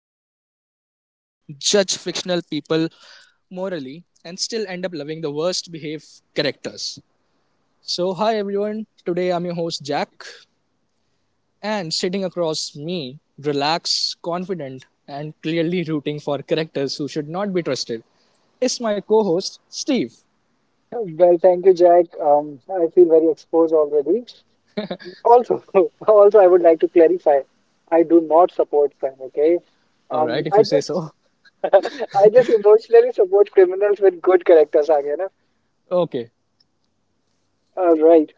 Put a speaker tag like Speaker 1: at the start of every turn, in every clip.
Speaker 1: we overthink movies, judge fictional people morally, and still end up loving the worst behaved characters. So, hi everyone. Today I'm your host, Jack, and sitting across me, relaxed, confident, and clearly rooting for characters who should not be trusted, is my co host, Steve.
Speaker 2: Well, thank you, Jack. I feel very exposed already. Also, also, I would like to clarify, I do not support crime. Okay,
Speaker 1: Alright, if
Speaker 2: I
Speaker 1: you say
Speaker 2: just,
Speaker 1: so.
Speaker 2: I just emotionally support criminals with good characters. Again, na?
Speaker 1: Okay,
Speaker 2: All right.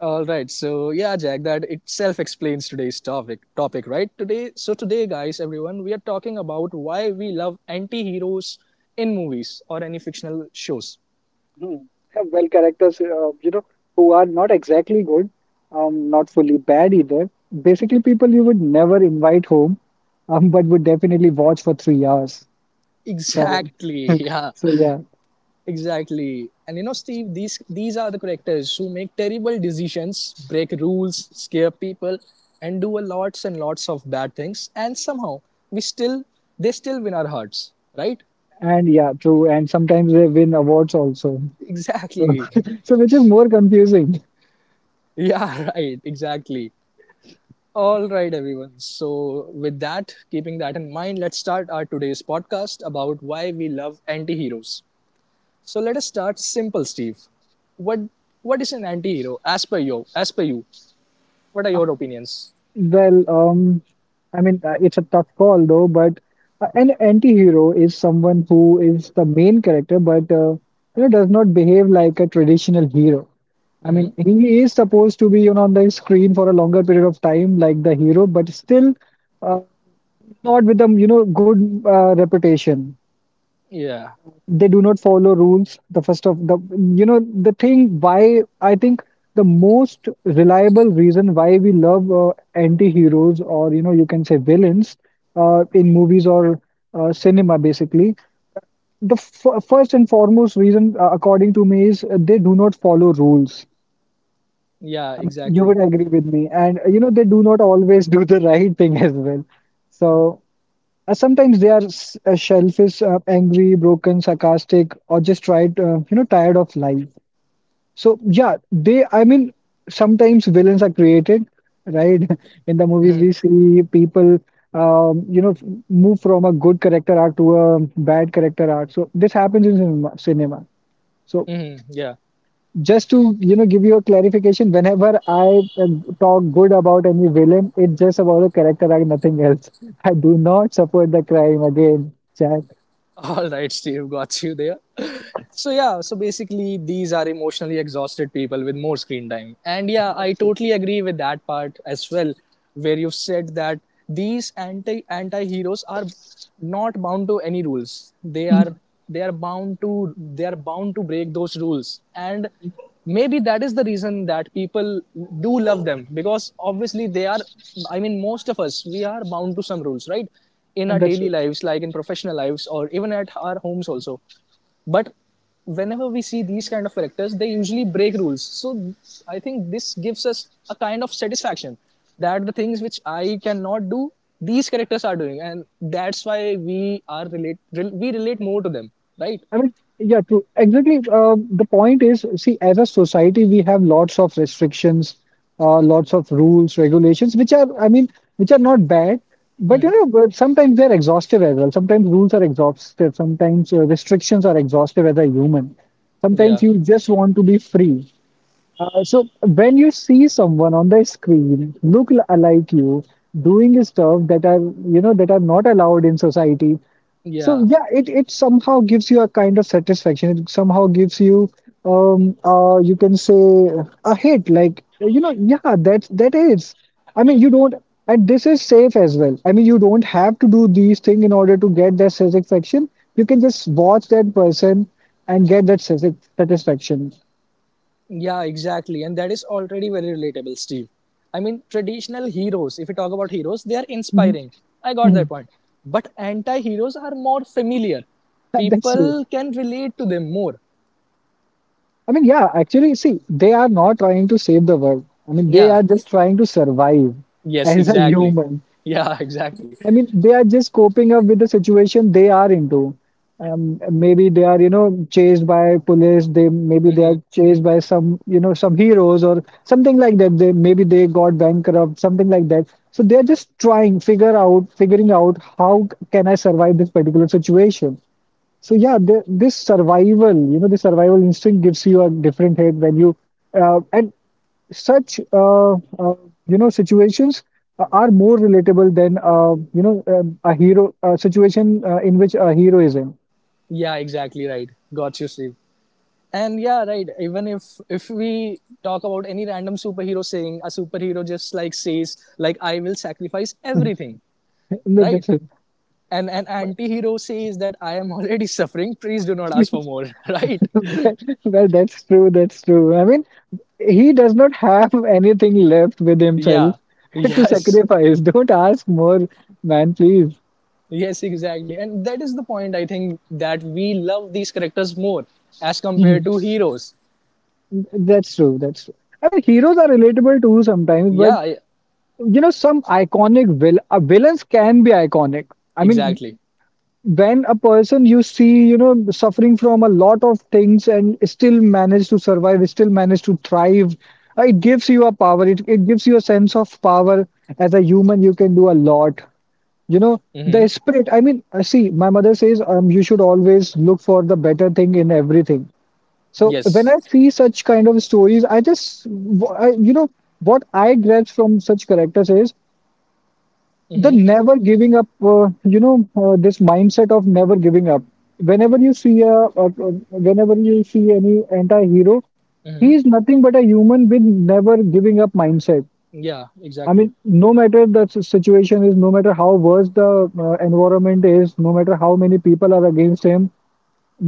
Speaker 1: all right. So yeah, Jack, that itself explains today's topic, right? Today so today guys, everyone, we are talking about why we love anti-heroes in movies or any fictional shows.
Speaker 2: Hmm. Yeah, well, characters, who are not exactly good, not fully bad either. Basically, people you would never invite home, but would definitely watch for 3 hours. So,
Speaker 1: Exactly. Yeah.
Speaker 2: so yeah.
Speaker 1: Exactly. And you know, Steve, these are the characters who make terrible decisions, break rules, scare people, and do a lots and lots of bad things. And somehow we still they still win our hearts, right?
Speaker 2: And yeah, true. And sometimes they win awards also. So,
Speaker 1: Exactly.
Speaker 2: so which is more confusing.
Speaker 1: Yeah, right, exactly. All right, everyone. So, with that, keeping that in mind, let's start our today's podcast about why we love anti-heroes. So, let us start simple, Steve. What what is an anti-hero as per you? As per you, what are your opinions?
Speaker 2: Well, it's a tough call though, but an anti-hero is someone who is the main character, but does not behave like a traditional hero. I
Speaker 1: Hmm.
Speaker 2: mean, he is supposed to be, you know, on the screen for a longer period of time, like the hero, but still uh, not with a, you know, good reputation.
Speaker 1: Yeah,
Speaker 2: They do not follow rules the first of the you know the thing why I think The most reliable reason why we love anti-heroes, or you know you can say villains in movies or cinema, basically, the first and foremost reason according to me is they do not follow rules.
Speaker 1: yeah,
Speaker 2: I mean, you
Speaker 1: exactly.
Speaker 2: would agree with me, and you know they do not always do the right thing as well. So sometimes they are shellfish, angry, broken, sarcastic, or just tried, tired of life. So yeah, they. I mean, sometimes villains are created, right? In the movies, we see people, um, you know, f- move from a good character arc to a bad character arc. So this happens in cinema. So
Speaker 1: Hmm. Yeah.
Speaker 2: just to, you know, give you a clarification, whenever I uh, talk good about any villain, it's just about a character arc, nothing else. I do not support the crime again.
Speaker 1: All right, Steve, got you there. So yeah, so basically these are emotionally exhausted people with more screen time, and yeah, I
Speaker 2: That's true.
Speaker 1: totally agree with that part as well, where you've said that these anti heroes are not bound to any rules. they are
Speaker 2: Mhm.
Speaker 1: they are bound to they are bound to break those rules, and maybe that is the reason that people do love them, because obviously they are, I mean, most of us, we are bound to some rules, right? In
Speaker 2: And
Speaker 1: our
Speaker 2: that's true.
Speaker 1: daily lives, like in professional lives or even at our homes also. But whenever we see these kind of characters, they usually break rules. So I think this gives us a kind of satisfaction that the things which I cannot do, these characters are doing, and that's why we relate more to them, right?
Speaker 2: I mean, yeah, true. Exactly. The point is, see, as a society, we have lots of restrictions, lots of rules, regulations, which are, I mean, which are not bad, but
Speaker 1: Hmm.
Speaker 2: you know, but sometimes they're exhaustive as well. Sometimes rules are exhaustive. Sometimes restrictions are exhaustive as a human. Sometimes
Speaker 1: Yeah,
Speaker 2: you just want to be free. So when you see someone on the screen look like you doing stuff that are, you know, that are not allowed in society. So
Speaker 1: yeah,
Speaker 2: yeah, it somehow gives you a kind of satisfaction. It somehow gives you you can say a hit, like you know, yeah, that's that is. I mean, you don't and this is safe as well. I mean, you don't have to do these things in order to get that satisfaction. You can just watch that person and get that satisfaction.
Speaker 1: yeah, exactly, and that is already very relatable, Steve. I mean, traditional heroes, if you talk about heroes, they are
Speaker 2: Mhm,
Speaker 1: inspiring. I got that
Speaker 2: mhm.
Speaker 1: point. But anti heroes are more familiar.
Speaker 2: That's true.
Speaker 1: People can relate to them more.
Speaker 2: I mean, yeah, actually see they are not trying to save the world. I mean, they
Speaker 1: Yeah.
Speaker 2: are just trying to survive
Speaker 1: Yes,
Speaker 2: as a
Speaker 1: exactly.
Speaker 2: human.
Speaker 1: Yeah, exactly.
Speaker 2: I mean, they are just coping up with the situation they are into. Maybe they are, you know, chased by police. They maybe they are chased by some, you know, some heroes or something like that. They maybe they got bankrupt, something like that. So they are just figuring out how can I survive this particular situation. So yeah, this survival, you know, the survival instinct gives you a different head when you, and such you know, situations are more relatable than, a hero a situation in which a hero is in.
Speaker 1: Yeah, exactly right. Got you, Steve. And yeah, right. Even if we talk about any random superhero, saying a superhero just like says like, I will sacrifice everything,
Speaker 2: No,
Speaker 1: right?
Speaker 2: that's it.
Speaker 1: And an
Speaker 2: But-
Speaker 1: anti-hero says that I am already suffering, please do not ask for more, right?
Speaker 2: Well, that's true. That's true. I mean, he does not have anything left with himself
Speaker 1: Yeah.
Speaker 2: to
Speaker 1: Yes.
Speaker 2: sacrifice. Don't ask more, man, please.
Speaker 1: Yes, exactly. And that is the point I think that we love these characters more as compared
Speaker 2: Mhm.
Speaker 1: to heroes.
Speaker 2: That's true. That's true. I mean, heroes are relatable too sometimes, but
Speaker 1: Yeah, yeah,
Speaker 2: you know, some iconic vil villains can be iconic. I mean,
Speaker 1: exactly.
Speaker 2: when a person you see, you know, suffering from a lot of things and still manage to survive, still manage to thrive, it gives you a power. It gives you a sense of power. As a human, you can do a lot. You know, the
Speaker 1: Mm-hmm.
Speaker 2: spirit. See, my mother says you should always look for the better thing in everything. So when
Speaker 1: Yes.
Speaker 2: I see such kind of stories, I just, you know, what I grasp from such characters is the
Speaker 1: Mm-hmm.
Speaker 2: never giving up this mindset of never giving up. Whenever you see a whenever you see any anti-hero,
Speaker 1: Mm-hmm.
Speaker 2: he is nothing but a human with never giving up mindset.
Speaker 1: Yeah,
Speaker 2: I mean,
Speaker 1: exactly.
Speaker 2: no matter the situation is, no matter how worse the environment is, no matter how many people are against him,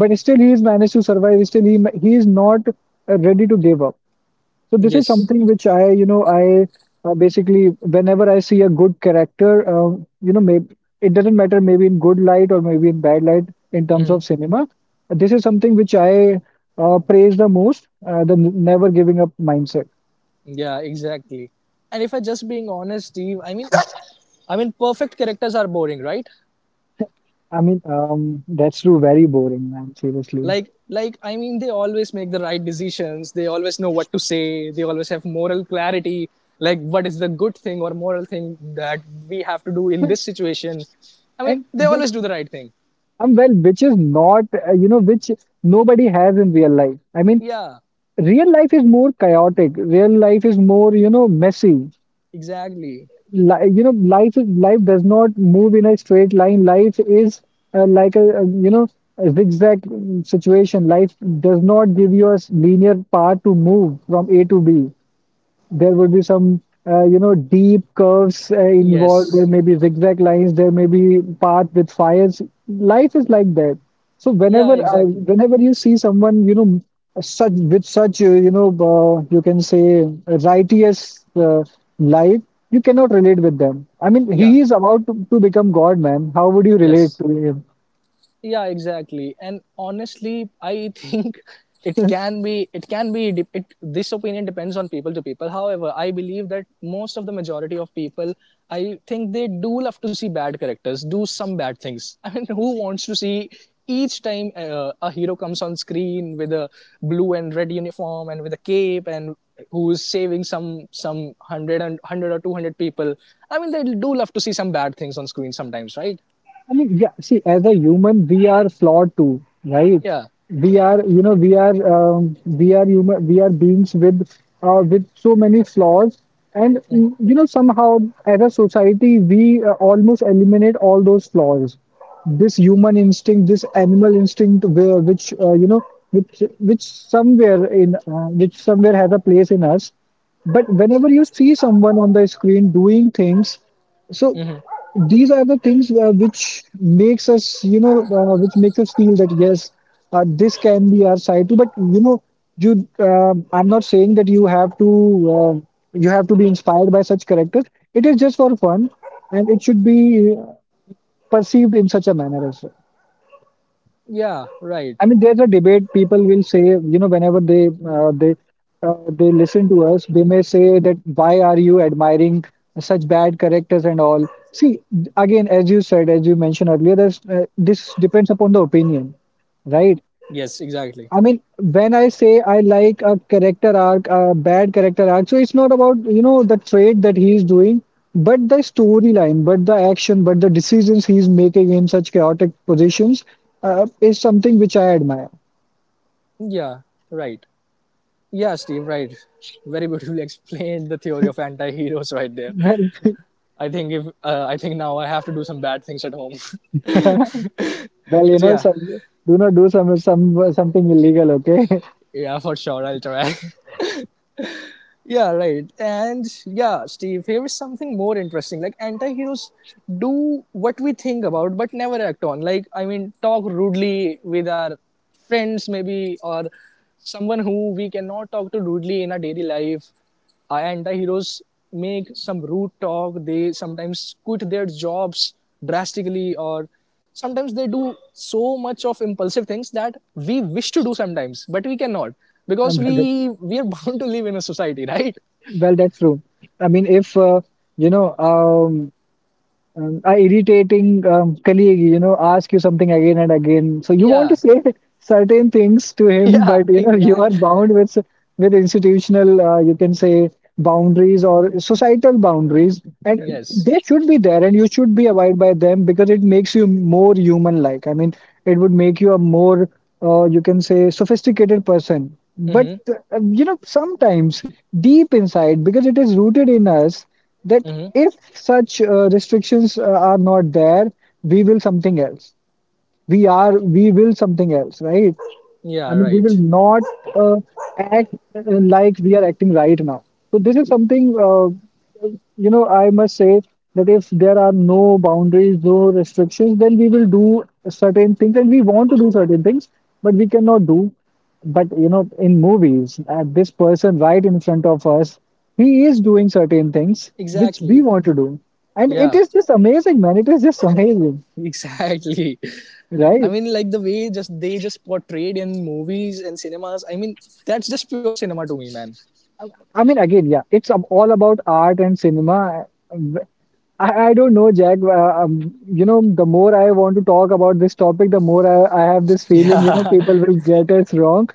Speaker 2: but still he is managed to survive, still he is not ready to give up. So this is
Speaker 1: Yes.
Speaker 2: something which I, you know, I basically whenever I see a good character, you know, maybe it doesn't matter, maybe in good light or maybe in bad light, in terms
Speaker 1: Mm-hmm.
Speaker 2: of cinema. This is something which I praise the most, the never giving up mindset.
Speaker 1: Yeah, exactly. And if I just being honest, Steve, I mean, I mean, perfect characters are boring, right?
Speaker 2: I mean, that's true, very boring, man, seriously.
Speaker 1: Like I mean, they always make the right decisions. They always know what to say. They always have moral clarity. Like, what is the good thing or moral thing that we have to do in
Speaker 2: Well,
Speaker 1: this situation? I mean,
Speaker 2: and
Speaker 1: they
Speaker 2: which,
Speaker 1: always do the right thing.
Speaker 2: which is not, which nobody has in real life. I mean,
Speaker 1: Yeah,
Speaker 2: real life is more chaotic. Real life is more, you know, messy.
Speaker 1: exactly.
Speaker 2: You know, life does not move in a straight line. Life is like a, you know, a zigzag situation. Life does not give you a linear path to move from A to B. There would be some, you know, deep curves involved. There
Speaker 1: Yes.
Speaker 2: may be zigzag lines, there may be path with fires. Life is like that. So
Speaker 1: Yeah,
Speaker 2: whenever
Speaker 1: exactly.
Speaker 2: whenever you see someone, you know, such with such, you can say righteous life, you cannot relate with them. I mean,
Speaker 1: Yeah.
Speaker 2: he is about to become god, man. How would you relate
Speaker 1: Yes.
Speaker 2: to him?
Speaker 1: Yeah, exactly, and honestly I think it can be, this opinion depends on people to people. However, I believe that most of the majority of people, I think they do love to see bad characters do some bad things. I mean, who wants to see each time a hero comes on screen with a blue and red uniform and with a cape, and who's saving some hundred and hundred or 200 people? I mean, they do love to see some bad things on screen sometimes, right?
Speaker 2: I mean, yeah, see, as a human, we are flawed too, right?
Speaker 1: Yeah.
Speaker 2: We are, you know, we are human, we are beings with so many flaws, and you know, somehow as a society, we almost eliminate all those flaws. This human instinct, this animal instinct, where which somewhere which somewhere has a place in us. But whenever you see someone on the screen doing things. So these are the things which makes us, you know, which makes us feel that yes, this can be our side too. But you know, you I'm not saying that uh, you have to be inspired by such characters. It is just for fun, and it should be perceived in such a manner as well.
Speaker 1: Yeah, right.
Speaker 2: I mean, there's a debate. People will say, you know, whenever they listen to us, they may say that why are you admiring such bad characters and all. See, again, as you said, as you mentioned earlier, there's this depends upon the opinion, right?
Speaker 1: Yes, exactly.
Speaker 2: I mean, when I say I like a character arc, a bad character arc, so it's not about, you know, the trait that he's doing, but the storyline, but the action, but the decisions he's making in such chaotic positions is something which I admire.
Speaker 1: Yeah, right. Yeah, Steve, right. Very beautifully explained the theory of anti-heroes right there.
Speaker 2: Well,
Speaker 1: I think if I think now I have to do some bad things at home.
Speaker 2: well, you
Speaker 1: But
Speaker 2: know,
Speaker 1: yeah,
Speaker 2: some do not do some something illegal, okay?
Speaker 1: yeah, for sure I'll try. Yeah, right. And yeah, Steve, here is something more interesting. Like, anti-heroes do what we think about but never act on. Like, I mean, talk rudely with our friends maybe, or someone who we cannot talk to rudely in our daily life. Our anti-heroes make some rude talk. They sometimes quit their jobs drastically, or sometimes they do so much of impulsive things that we wish to do sometimes but we cannot, because
Speaker 2: Um,
Speaker 1: we are bound to live in a society, right?
Speaker 2: well, that's true. I mean, if you know, um, a irritating colleague, you know, ask you something again and again. So you want to
Speaker 1: Yeah.
Speaker 2: say certain things to him,
Speaker 1: Yeah,
Speaker 2: but you know, you are
Speaker 1: exactly.
Speaker 2: bound with institutional, you can say, boundaries or societal boundaries, and
Speaker 1: Yes.
Speaker 2: they should be there, and you should be abide by them because it makes you more human-like. I mean, it would make you a more, you can say, sophisticated person. But
Speaker 1: Mm-hmm,
Speaker 2: you know, sometimes deep inside, because it is rooted in us, that
Speaker 1: mm-hmm.
Speaker 2: if such restrictions are not there, we will something else, we will something else, right? I
Speaker 1: Yeah,
Speaker 2: mean, we will
Speaker 1: right,
Speaker 2: not act like we are acting right now. So this is something, you know, I must say, that if there are no boundaries, no restrictions, then we will do certain things and we want to do certain things, but we cannot do. But you know, in movies, this person right in front of us, he is doing certain things which we
Speaker 1: exactly.
Speaker 2: want to do, and it
Speaker 1: Yeah,
Speaker 2: is just amazing, man. It is just amazing,
Speaker 1: exactly. I
Speaker 2: right?
Speaker 1: mean, like the way just they just portrayed in movies and cinemas. I mean, that's just pure cinema to me, man.
Speaker 2: I mean, again, yeah, it's all about art and cinema. uh, I don't know, Jack. You know, the more I want to talk about this topic, the more I have this feeling, you know,
Speaker 1: Yeah,
Speaker 2: people will get us wrong.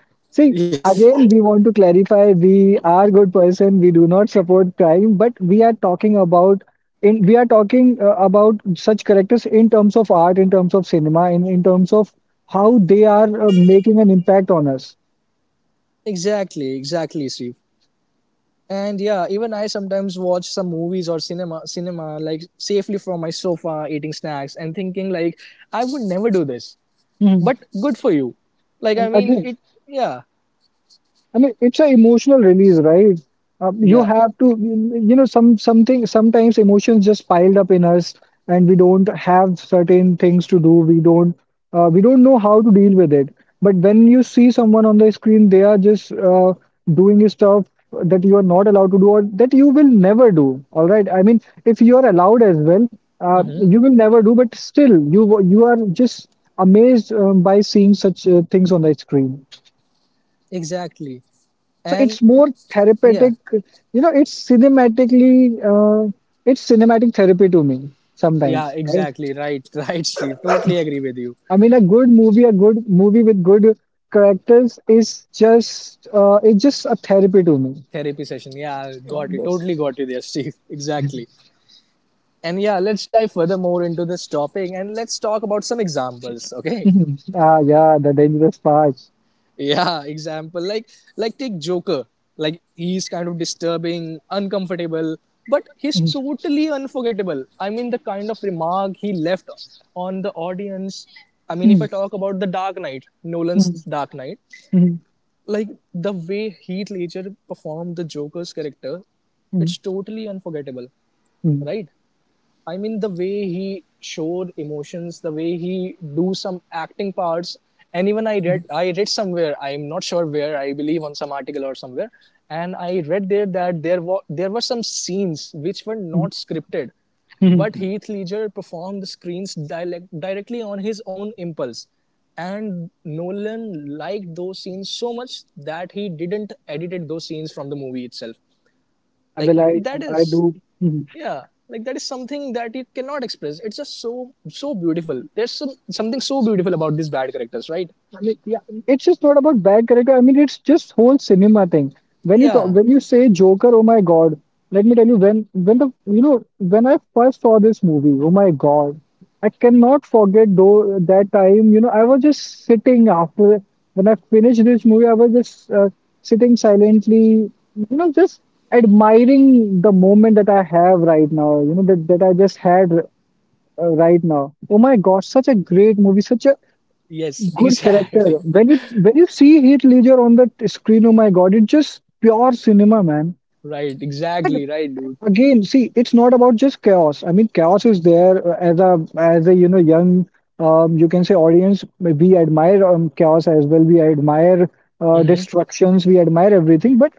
Speaker 2: See,
Speaker 1: yes,
Speaker 2: again, we want to clarify we are good person. We do not support crime, but we are talking about in we are talking about such characters in terms of art, in terms of cinema, in terms of how they are making an impact on us.
Speaker 1: exactly, exactly, Steve. And yeah, even I sometimes watch some movies or cinema like safely from my sofa, eating snacks and thinking like, I would never do this.
Speaker 2: Mhm.
Speaker 1: But good for you. Like I
Speaker 2: And
Speaker 1: mean,
Speaker 2: again,
Speaker 1: it. Yeah,
Speaker 2: I mean, it's an emotional release, right? You
Speaker 1: yeah,
Speaker 2: have to, you know, sometimes emotions just piled up in us, and we don't have certain things to do. We don't know how to deal with it. But when you see someone on the screen, they are just doing stuff that you are not allowed to do or that you will never do. All right. I mean, if you are allowed as well,
Speaker 1: hmm,
Speaker 2: you will never do. But still, you are just amazed by seeing such things on the screen.
Speaker 1: exactly.
Speaker 2: So
Speaker 1: And
Speaker 2: it's more
Speaker 1: yeah,
Speaker 2: therapeutic. You know, it's cinematic therapy to me
Speaker 1: yeah,
Speaker 2: sometimes, right?
Speaker 1: exactly. Right, right, Steve. Totally agree with you.
Speaker 2: I mean, a good movie with good characters is just, it's just a therapy to me.
Speaker 1: Therapy session. Yeah,
Speaker 2: Yeah,
Speaker 1: got it.
Speaker 2: that's-
Speaker 1: Totally got you there, Steve. Exactly. And yeah, let's dive further more into this topic and let's talk about some examples, okay?
Speaker 2: Mhm. Ah, yeah, the dangerous part.
Speaker 1: Yeah, example like take Joker. Like he's kind of disturbing, uncomfortable, but he's
Speaker 2: Mhm.
Speaker 1: totally unforgettable. I mean, the kind of remark he left on the audience. I mean, if I
Speaker 2: Mhm.
Speaker 1: talk about the Dark Knight, Nolan's
Speaker 2: Mhm.
Speaker 1: Dark Knight, like the way Heath Ledger performed the Joker's character,
Speaker 2: Mhm.
Speaker 1: it's totally unforgettable,
Speaker 2: Mhm.
Speaker 1: right? I mean, the way he showed emotions, the way he do some acting parts, and even I read somewhere, I'm not sure where, I believe on some article or somewhere, and I read there that there were some scenes which were
Speaker 2: Mhm.
Speaker 1: not scripted, but
Speaker 2: Mhm.
Speaker 1: Heath Ledger performed the screens directly on his own impulse, and Nolan liked those scenes so much that he didn't edited those scenes from the movie itself.
Speaker 2: I
Speaker 1: Like
Speaker 2: will, I,
Speaker 1: that
Speaker 2: I
Speaker 1: is,
Speaker 2: do. Mm-hmm.
Speaker 1: yeah, like that is something that you cannot express. It's just so so beautiful. There's some, something so beautiful about these bad characters, right?
Speaker 2: I mean, yeah, it's just not about bad character. I mean, it's just whole cinema thing.
Speaker 1: Yeah,
Speaker 2: When you say Joker, oh my God, let me tell you, when the you know when I first saw this movie, oh my God, I cannot forget though that time. You know, I was just sitting after when I finished this movie, I was just sitting silently, you know, just admiring the moment that I have right now. You know that I just had right now. Oh my God, such a great movie, such a
Speaker 1: yes,
Speaker 2: good character.
Speaker 1: exactly.
Speaker 2: When you see Heath Ledger on the screen, oh my God, it's just pure cinema, man.
Speaker 1: Right,
Speaker 2: And
Speaker 1: exactly, right, dude.
Speaker 2: again, see, it's not about just chaos. I mean, chaos is there as a you know young you can say audience. We admire chaos as well. We admire
Speaker 1: Mm-hmm.
Speaker 2: destructions. We admire everything. But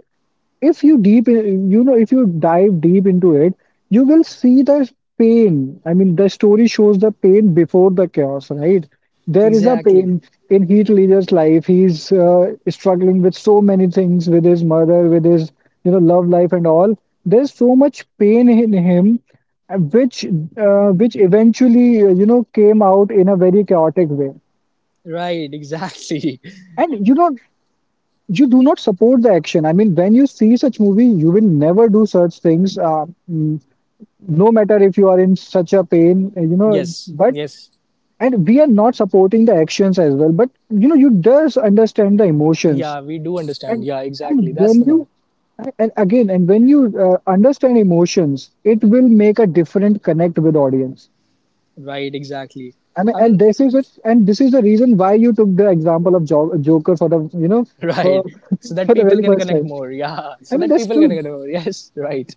Speaker 2: if you deep in, you know, if you dive deep into it, you will see the pain. I mean, the story shows the pain before the chaos, right? There is a pain
Speaker 1: Exactly,
Speaker 2: in Heath Ledger's life. He's struggling with so many things, with his mother, with his, you know, love life and all. There's so much pain in him, which eventually, you know, came out in a very chaotic way.
Speaker 1: right, exactly.
Speaker 2: And you know, you do not support the action. I mean, when you see such movie, you will never do such things. No matter if you are in such a pain, you know.
Speaker 1: Yes,
Speaker 2: But
Speaker 1: yes,
Speaker 2: and we are not supporting the actions as well. But you know, you does understand the emotions,
Speaker 1: yeah, we do understand,
Speaker 2: and
Speaker 1: yeah, exactly,
Speaker 2: and
Speaker 1: that's
Speaker 2: when
Speaker 1: the point.
Speaker 2: you and again and when you understand emotions, it will make a different connect with audience.
Speaker 1: Right, exactly.
Speaker 2: I mean,
Speaker 1: I
Speaker 2: and
Speaker 1: mean,
Speaker 2: this is it, and this is the reason why you took the example of Joker for the, you know, for
Speaker 1: right, so that
Speaker 2: for the
Speaker 1: people
Speaker 2: very
Speaker 1: can
Speaker 2: first
Speaker 1: connect
Speaker 2: time.
Speaker 1: more yeah,
Speaker 2: I
Speaker 1: so
Speaker 2: mean,
Speaker 1: that
Speaker 2: that's
Speaker 1: people can
Speaker 2: true.
Speaker 1: connect more, yes, right.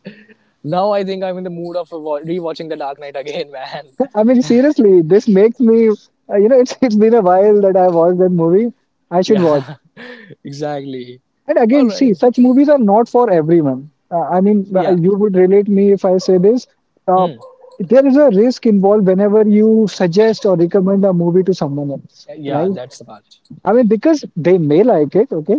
Speaker 1: Now I think I'm in the mood of rewatching the Dark Knight again. Man.
Speaker 2: I mean, seriously, this makes me, you know, it's been a while that I watched that movie. I should watch.
Speaker 1: Yeah, exactly.
Speaker 2: And
Speaker 1: All
Speaker 2: again, see,
Speaker 1: right.
Speaker 2: such movies are not for everyone.
Speaker 1: Yeah,
Speaker 2: You would relate me if I say this. Uh, there is a risk involved whenever you suggest or recommend a movie to someone else,
Speaker 1: yeah,
Speaker 2: right?
Speaker 1: that's the part.
Speaker 2: I mean, because they may like it, okay,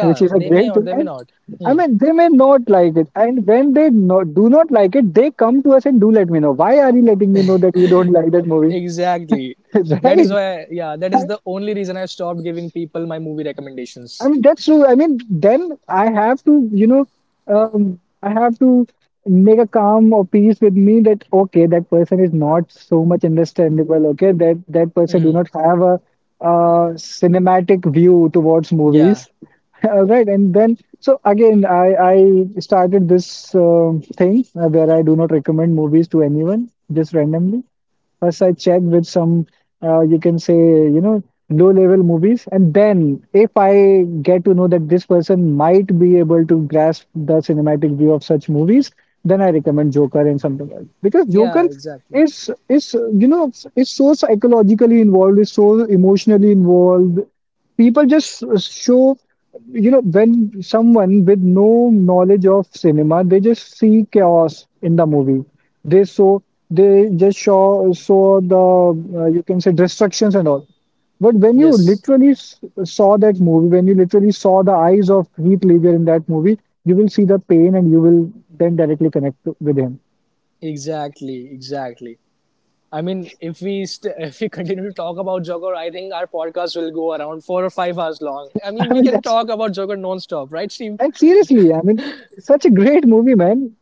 Speaker 2: which is a
Speaker 1: they may
Speaker 2: great
Speaker 1: or
Speaker 2: thing.
Speaker 1: they may
Speaker 2: And
Speaker 1: not.
Speaker 2: I
Speaker 1: Hmm.
Speaker 2: mean, they may not like it. And when they not, do not like it, they come to us and do let me know. Why are you letting me know that you don't like that movie?
Speaker 1: Exactly. That is why, yeah, that is the
Speaker 2: Right?
Speaker 1: only reason I stopped giving people my movie
Speaker 2: I
Speaker 1: recommendations.
Speaker 2: mean, that's true. I mean, then I have to, you know, I have to make a calm or peace with me that okay, that person is not so much understandable. Okay, that person do
Speaker 1: Hmm.
Speaker 2: not have a, uh, cinematic view towards
Speaker 1: Yeah,
Speaker 2: movies. All right, and then so again, I started this thing where I do not recommend movies to anyone just randomly. First, I check with some, you can say, you know, low-level movies, and then if I get to know that this person might be able to grasp the cinematic view of such movies, then I recommend Joker and something else, because
Speaker 1: yeah,
Speaker 2: Joker
Speaker 1: exactly.
Speaker 2: is you know is so psychologically involved, is so emotionally involved. People just show You know, when someone with no knowledge of cinema, they just see chaos in the movie. They saw they just saw saw the, you can say, destructions and all. But when you
Speaker 1: Yes,
Speaker 2: literally saw that movie, when you literally saw the eyes of Heath Ledger in that movie, you will see the pain and you will then directly connect with him.
Speaker 1: exactly, exactly. I mean, if we st- if we continue to talk about Joker, I think our podcast will go around 4 or 5 hours long. I mean,
Speaker 2: I
Speaker 1: we
Speaker 2: mean,
Speaker 1: can
Speaker 2: that's
Speaker 1: talk about Joker non-stop, right, Steve?
Speaker 2: And seriously, I mean, such a great movie, man.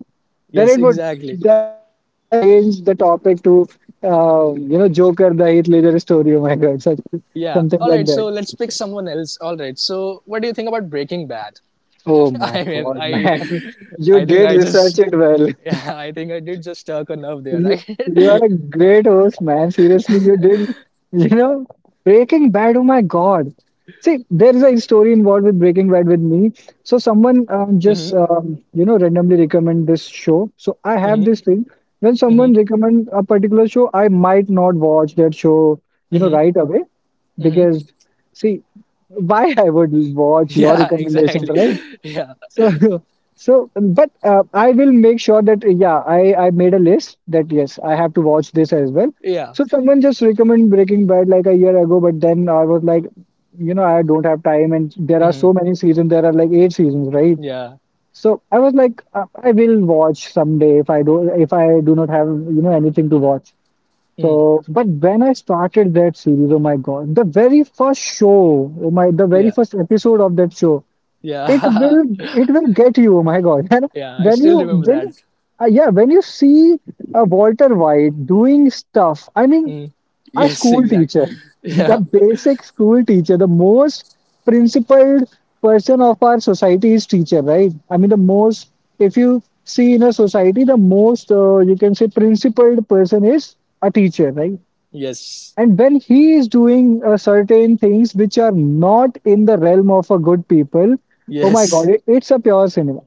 Speaker 2: Then
Speaker 1: Yes,
Speaker 2: it would
Speaker 1: exactly.
Speaker 2: then we have to change the topic to, you know, Joker, the Heath Ledger story. Oh my God, such
Speaker 1: Yeah.
Speaker 2: something
Speaker 1: All
Speaker 2: like
Speaker 1: right.
Speaker 2: that.
Speaker 1: So let's pick someone else. All right. So what do you think about Breaking Bad?
Speaker 2: Oh my
Speaker 1: I mean,
Speaker 2: God,
Speaker 1: I,
Speaker 2: man, you
Speaker 1: I think
Speaker 2: did research it well.
Speaker 1: yeah, I think I did just stuck a nerve there,
Speaker 2: You, you
Speaker 1: right?
Speaker 2: are a great host, man. Seriously, you did, you know, Breaking Bad. Oh my God. See, there is a story involved with Breaking Bad with me. So someone
Speaker 1: Hmm.
Speaker 2: you know, randomly recommend this show. So I have this thing. When someone recommend a particular show, I might not watch that show, you know, right away because, see, why I would watch your
Speaker 1: Yeah.
Speaker 2: recommendations,
Speaker 1: Exactly.
Speaker 2: right?
Speaker 1: Yeah.
Speaker 2: So, so, but I will make sure that yeah, I made a list that yes, I have to watch this as well.
Speaker 1: Yeah.
Speaker 2: So someone just recommended Breaking Bad like a year ago, but then I was like, you know, I don't have time, and there are so many seasons. There are like eight seasons, right?
Speaker 1: Yeah.
Speaker 2: So I was like, I will watch someday if I do not have, you know, anything to watch.
Speaker 1: Mm.
Speaker 2: So, but when I started that series, oh my God, the very first show, oh my, the very
Speaker 1: Yeah.
Speaker 2: first episode of that show, it
Speaker 1: Yeah.
Speaker 2: will it will get you, oh my god, and
Speaker 1: Yeah. I
Speaker 2: when
Speaker 1: still
Speaker 2: you
Speaker 1: remember
Speaker 2: when
Speaker 1: that.
Speaker 2: yeah when you see Walter White doing stuff, I mean,
Speaker 1: Mm.
Speaker 2: a
Speaker 1: Yes.
Speaker 2: school
Speaker 1: Exactly.
Speaker 2: teacher, the
Speaker 1: Yeah.
Speaker 2: basic school teacher, the most principled person of our society is teacher, right? I mean, the most, if you see in a society, the most you can say principled person is a teacher, right?
Speaker 1: Yes.
Speaker 2: And when he is doing certain things which are not in the realm of a good people, oh my God,
Speaker 1: Yes.
Speaker 2: it, it's a pure cinema.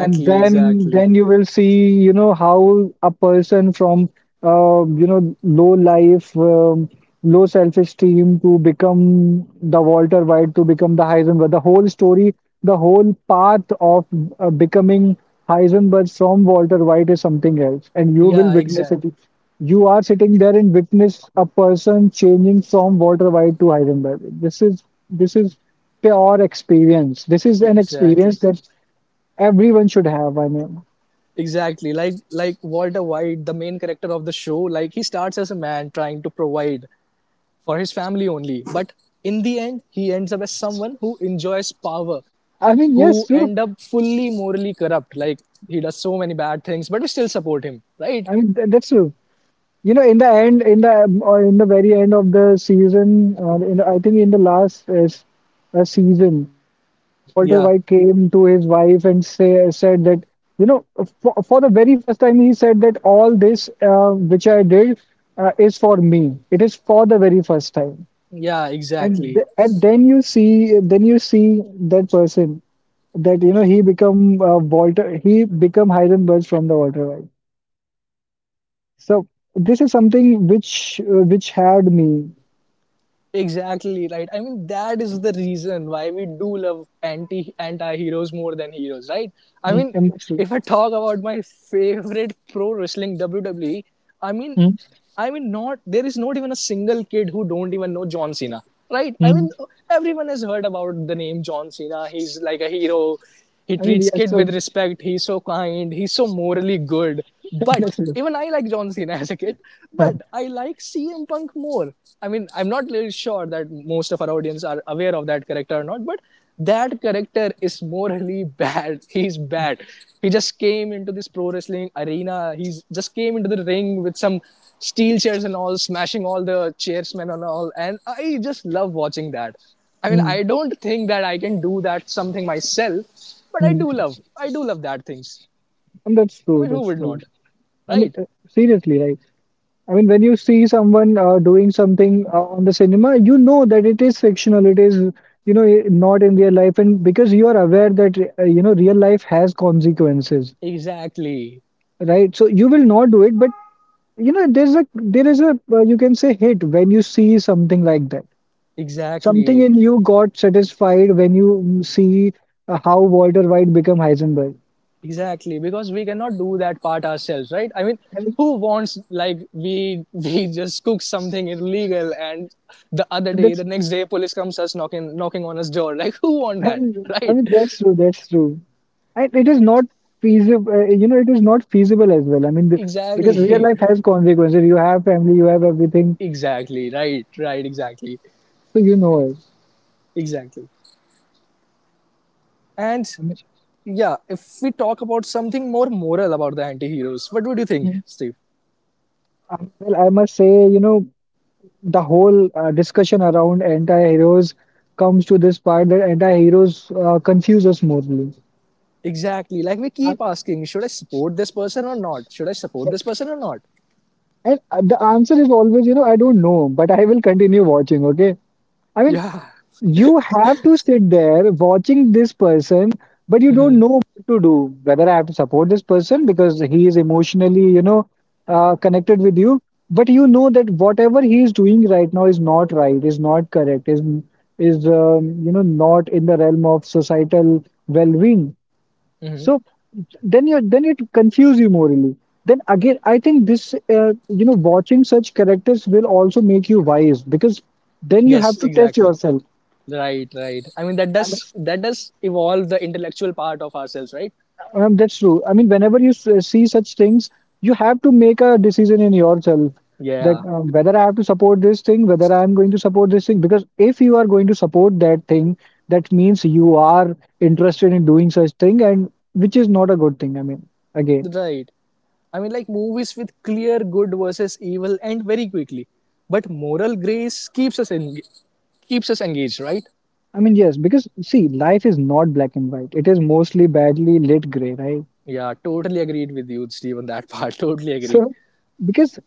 Speaker 2: And
Speaker 1: Exactly.
Speaker 2: then you will see, you know, how a person from, you know, low life, low self-esteem, to become the Walter White, to become the Heisenberg, the whole story, the whole path of becoming Heisenberg from Walter White is something else, and you will
Speaker 1: Yeah.
Speaker 2: witness
Speaker 1: Exactly.
Speaker 2: it. You are sitting there and witness a person changing from Walter White to Heisenberg. This is this is pure experience. This is an
Speaker 1: Exactly.
Speaker 2: experience that everyone should have.
Speaker 1: Exactly, like Walter White, the main character of the show, like, he starts as a man trying to provide for his family only, but in the end he ends up as someone who enjoys power,
Speaker 2: I mean,
Speaker 1: who
Speaker 2: yes, true.
Speaker 1: end up fully morally corrupt. Like, he does so many bad things but we still support him, right?
Speaker 2: I mean, that's true. You know, in the end, in the or in the very end of the season, in the, I think in the last season, Walter
Speaker 1: Yeah,
Speaker 2: White came to his wife and say said that, you know, for the very first time, he said that all this, which I did, is for me. It is for the very first time.
Speaker 1: yeah, exactly.
Speaker 2: And then you see, then you see that person, that, you know, he become Heisenberg from the Walter White. So this is something which had me.
Speaker 1: Exactly right. I mean, that is the reason why we do love anti heroes more than heroes, right? I
Speaker 2: Mm,
Speaker 1: mean,
Speaker 2: I'm not sure.
Speaker 1: if I talk about my favorite pro wrestling, WWE, I mean,
Speaker 2: Mm,
Speaker 1: not there is not even a single kid who don't even know John Cena, right? I mean,
Speaker 2: mm.
Speaker 1: everyone has heard about the name John Cena. He's like a hero. He
Speaker 2: I mean,
Speaker 1: treats
Speaker 2: yeah,
Speaker 1: Kid
Speaker 2: so
Speaker 1: with respect. He's so kind. He's so morally good.
Speaker 2: that's
Speaker 1: But
Speaker 2: true.
Speaker 1: even I like John Cena as a kid.
Speaker 2: Uh,
Speaker 1: But I like CM Punk more. I mean, I'm not really sure that most of our audience are aware of that character or not. But that character is morally bad. He's bad. He just came into this pro wrestling arena. He's just came into the ring with some steel chairs and all, smashing all the chairsmen and all. And I just love watching that. I mean,
Speaker 2: mm,
Speaker 1: I don't think that I can do that something myself, but
Speaker 2: mm.
Speaker 1: I do love that things.
Speaker 2: And that's
Speaker 1: I
Speaker 2: true.
Speaker 1: mean, who
Speaker 2: That's
Speaker 1: would
Speaker 2: true.
Speaker 1: not,
Speaker 2: I mean,
Speaker 1: right?
Speaker 2: seriously, right? I mean, when you see someone doing something on the cinema, you know that it is fictional. It is, you know, not in real life, and because you are aware that, you know, real life has consequences,
Speaker 1: Exactly,
Speaker 2: right? So you will not do it, but you know there is a you can say hit when you see something like that, something
Speaker 1: exactly,
Speaker 2: in you got satisfied when you see how Walter White become Heisenberg
Speaker 1: exactly. Because we cannot do that part ourselves, right? I mean,
Speaker 2: and
Speaker 1: who wants like we we just cook something illegal, and
Speaker 2: that's
Speaker 1: the next day, police comes us knocking on us door. Like, who want
Speaker 2: I
Speaker 1: that,
Speaker 2: mean I
Speaker 1: right?
Speaker 2: mean, that's true. And it is not feasible, you know, it is not feasible as well. I mean the, because real
Speaker 1: Exactly,
Speaker 2: life has consequences, you have family, you have everything,
Speaker 1: exactly, right, right, exactly,
Speaker 2: so you know it.
Speaker 1: exactly. And
Speaker 2: I mean,
Speaker 1: yeah, if we talk about something more moral about the anti-heroes, what would you think,
Speaker 2: mm,
Speaker 1: Steve?
Speaker 2: well, I must say, you know, the whole discussion around anti-heroes comes to this part, that anti-heroes confuse us morally.
Speaker 1: Exactly. Like, we
Speaker 2: I,
Speaker 1: keep asking, Should I support this person or not?
Speaker 2: and the answer is always, you know, I don't know, but I will continue watching. Okay, I mean,
Speaker 1: Yeah.
Speaker 2: you have to sit there watching this person, but you don't know what to do. Whether I have to support this person because he is emotionally, you know, connected with you, but you know that whatever he is doing right now is not right, is not correct, is, you know, not in the realm of societal well-being.
Speaker 1: Hmm.
Speaker 2: So then you, then it confuse you morally. Then again, I think this you know, watching such characters will also make you wise, because then you
Speaker 1: Yes,
Speaker 2: have to test
Speaker 1: exactly.
Speaker 2: yourself.
Speaker 1: Right, right. I mean, that does, that does evolve the intellectual part of ourselves, right?
Speaker 2: That's true. I mean, whenever you see such things, you have to make a decision in yourself that,
Speaker 1: Yeah.
Speaker 2: whether I have to support this thing, whether I am going to support this thing. Because if you are going to support that thing, that means you are interested in doing such thing, and which is not a good thing. I mean, again,
Speaker 1: Right. I mean, like, movies with clear good versus evil end very quickly. But moral grace keeps us engaged, right?
Speaker 2: I mean, yes, because see, life is not black and white. It is mostly badly lit gray, right?
Speaker 1: Yeah, totally agreed with you, Steve, on that part. Totally agree.
Speaker 2: So, because,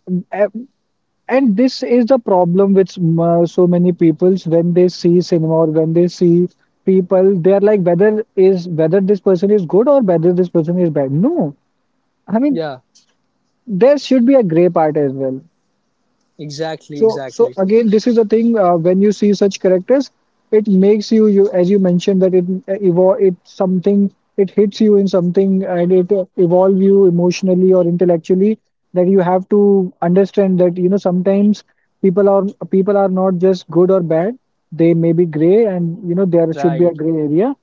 Speaker 2: and this is the problem with so many peoples, when they see cinema or when they see people, they are like whether is whether this person is good or whether this person is bad. No, I mean,
Speaker 1: Yeah,
Speaker 2: there should be a gray part as well.
Speaker 1: exactly,
Speaker 2: So, so
Speaker 1: exactly.
Speaker 2: again, this is the thing. When you see such characters, it makes you, you as you mentioned, that it evolve, it something, it hits you in something, and it evolve you emotionally or intellectually. That you have to understand that you know sometimes people are people are not just good or bad. They may be gray, and you know there should be a
Speaker 1: Right.
Speaker 2: gray area,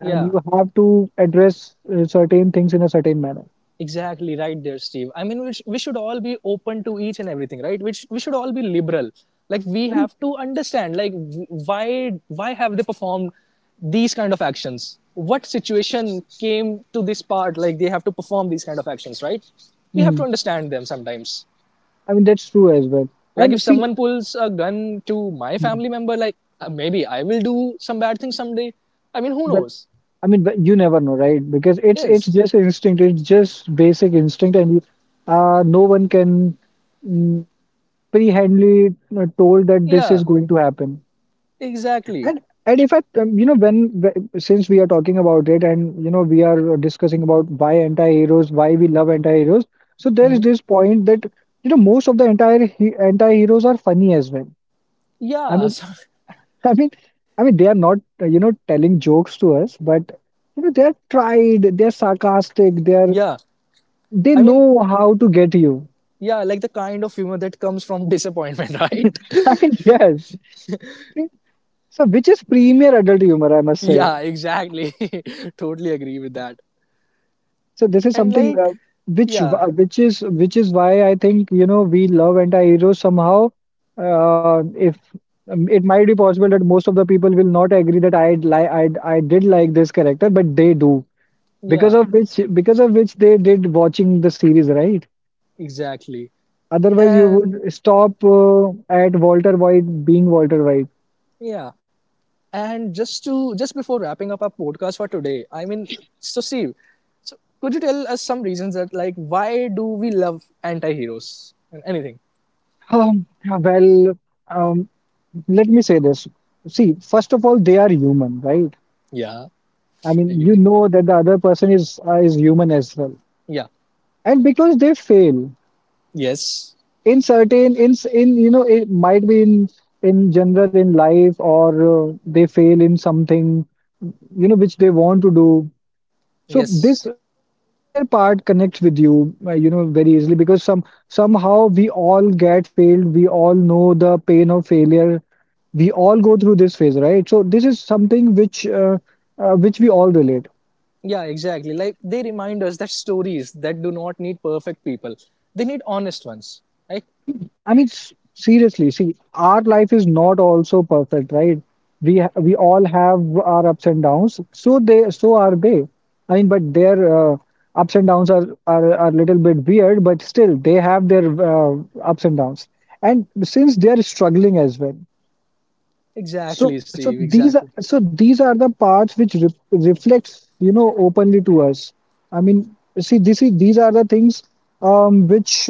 Speaker 2: and
Speaker 1: Yeah,
Speaker 2: you have to address certain things in a certain manner.
Speaker 1: exactly. Right there, Steve. I mean, we should all be open to each and everything, right? Which we should all be liberal. Like, we
Speaker 2: Right?
Speaker 1: have to understand, like, why have they performed these kind of actions? What situation came to this part? Like, they have to perform these kind of actions, right? We have
Speaker 2: Mhm.
Speaker 1: to understand them sometimes.
Speaker 2: I mean that's true as well.
Speaker 1: Like,
Speaker 2: And
Speaker 1: if
Speaker 2: see,
Speaker 1: someone pulls a gun to my
Speaker 2: well,
Speaker 1: family member, like maybe I will do some bad thing someday. I mean, who knows?
Speaker 2: I mean, but you never know, right? Because it's
Speaker 1: Yes.
Speaker 2: just instinct. It's just basic instinct, and you, no one can mm, prehandly told that this is
Speaker 1: Yeah.
Speaker 2: going to happen.
Speaker 1: Exactly.
Speaker 2: And if I, you know, when since we are talking about it, and you know, we are discussing about why anti-heroes, why we love anti-heroes. So there is
Speaker 1: Hmm.
Speaker 2: this point that you know most of the entire anti-heroes are funny as well.
Speaker 1: Yeah. So,
Speaker 2: I mean, I mean, they are not, you know, telling jokes to us, but you know, they're sarcastic, they're
Speaker 1: yeah.
Speaker 2: they
Speaker 1: I mean,
Speaker 2: know how to get you.
Speaker 1: yeah, like the kind of humor that comes from disappointment, right?
Speaker 2: I mean, yes. So, which is premier adult humor, I must say.
Speaker 1: Yeah. Exactly. Totally agree with that.
Speaker 2: So, this is
Speaker 1: And
Speaker 2: something
Speaker 1: like, yeah.
Speaker 2: which is why I think, you know, we love anti-heroes somehow. If It might be possible that most of the people will not agree that I li I did like this character, but they do,
Speaker 1: Yeah.
Speaker 2: because of which they did watching the series, right?
Speaker 1: Exactly.
Speaker 2: Otherwise, you
Speaker 1: And
Speaker 2: would stop at Walter White being Walter White.
Speaker 1: yeah. And just to just before wrapping up our podcast for today, I mean, so Steve, so could you tell us some reasons that like why do we love anti-heroes? And anything?
Speaker 2: Um, well, um, Let me say this. See, first of all, they are human, right?
Speaker 1: Yeah,
Speaker 2: I mean, you
Speaker 1: agreed.
Speaker 2: know that the other person is human as well,
Speaker 1: Yeah.
Speaker 2: and because they fail
Speaker 1: Yes.
Speaker 2: in certain, in, you know, it might be in general in life or they fail in something, you know, which they want to do. So this,
Speaker 1: Yes.
Speaker 2: the failure part connects with you, you know, very easily, because somehow we all get failed. We all know the pain of failure. We all go through this phase, right? So this is something which we all relate.
Speaker 1: Yeah, exactly. Like, they remind us that stories that do not need perfect people. They need honest ones. Right?
Speaker 2: I mean, seriously, see, our life is not also perfect, right? We we all have our ups and downs. So they, so are they. I mean, but their uh, ups and downs are a little bit weird, but still they have their ups and downs. And since they are struggling as well, so
Speaker 1: Exactly, Steve. Exactly.
Speaker 2: these are the parts which re reflects, you know, openly to us. I mean, see, this is, these are the things, um, which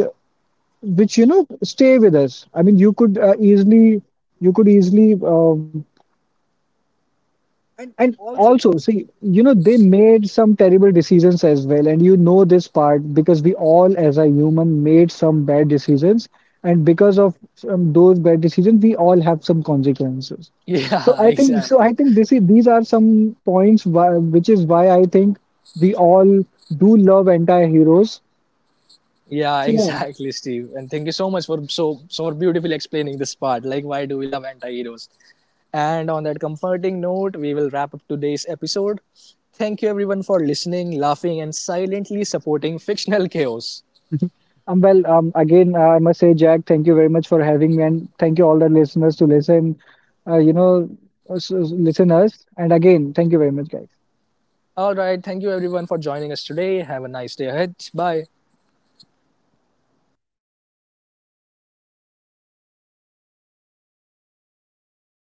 Speaker 2: which you know stay with us. I mean you could easily, you could easily,
Speaker 1: And
Speaker 2: and
Speaker 1: also,
Speaker 2: also
Speaker 1: so
Speaker 2: see, you know, they made some terrible decisions as well, and you know this part, because we all as a human made some bad decisions, and because of some, those bad decisions, we all have some consequences. So
Speaker 1: yeah,
Speaker 2: I think,
Speaker 1: exactly.
Speaker 2: this is, these are some points why, which is why I think we all do love anti-heroes,
Speaker 1: Yeah,
Speaker 2: so yeah.
Speaker 1: exactly, Steve. And thank you so much for so so beautifully explaining this part, like why do we love anti-heroes. And on that comforting note, we will wrap up today's episode. Thank you everyone for listening, laughing, and silently supporting fictional chaos.
Speaker 2: Again, I must say, Jack, thank you very much for having me, and thank you all the listeners to listen. You know, listen us, and again, thank you very much, guys.
Speaker 1: All right, thank you everyone for joining us today. Have a nice day ahead. Bye.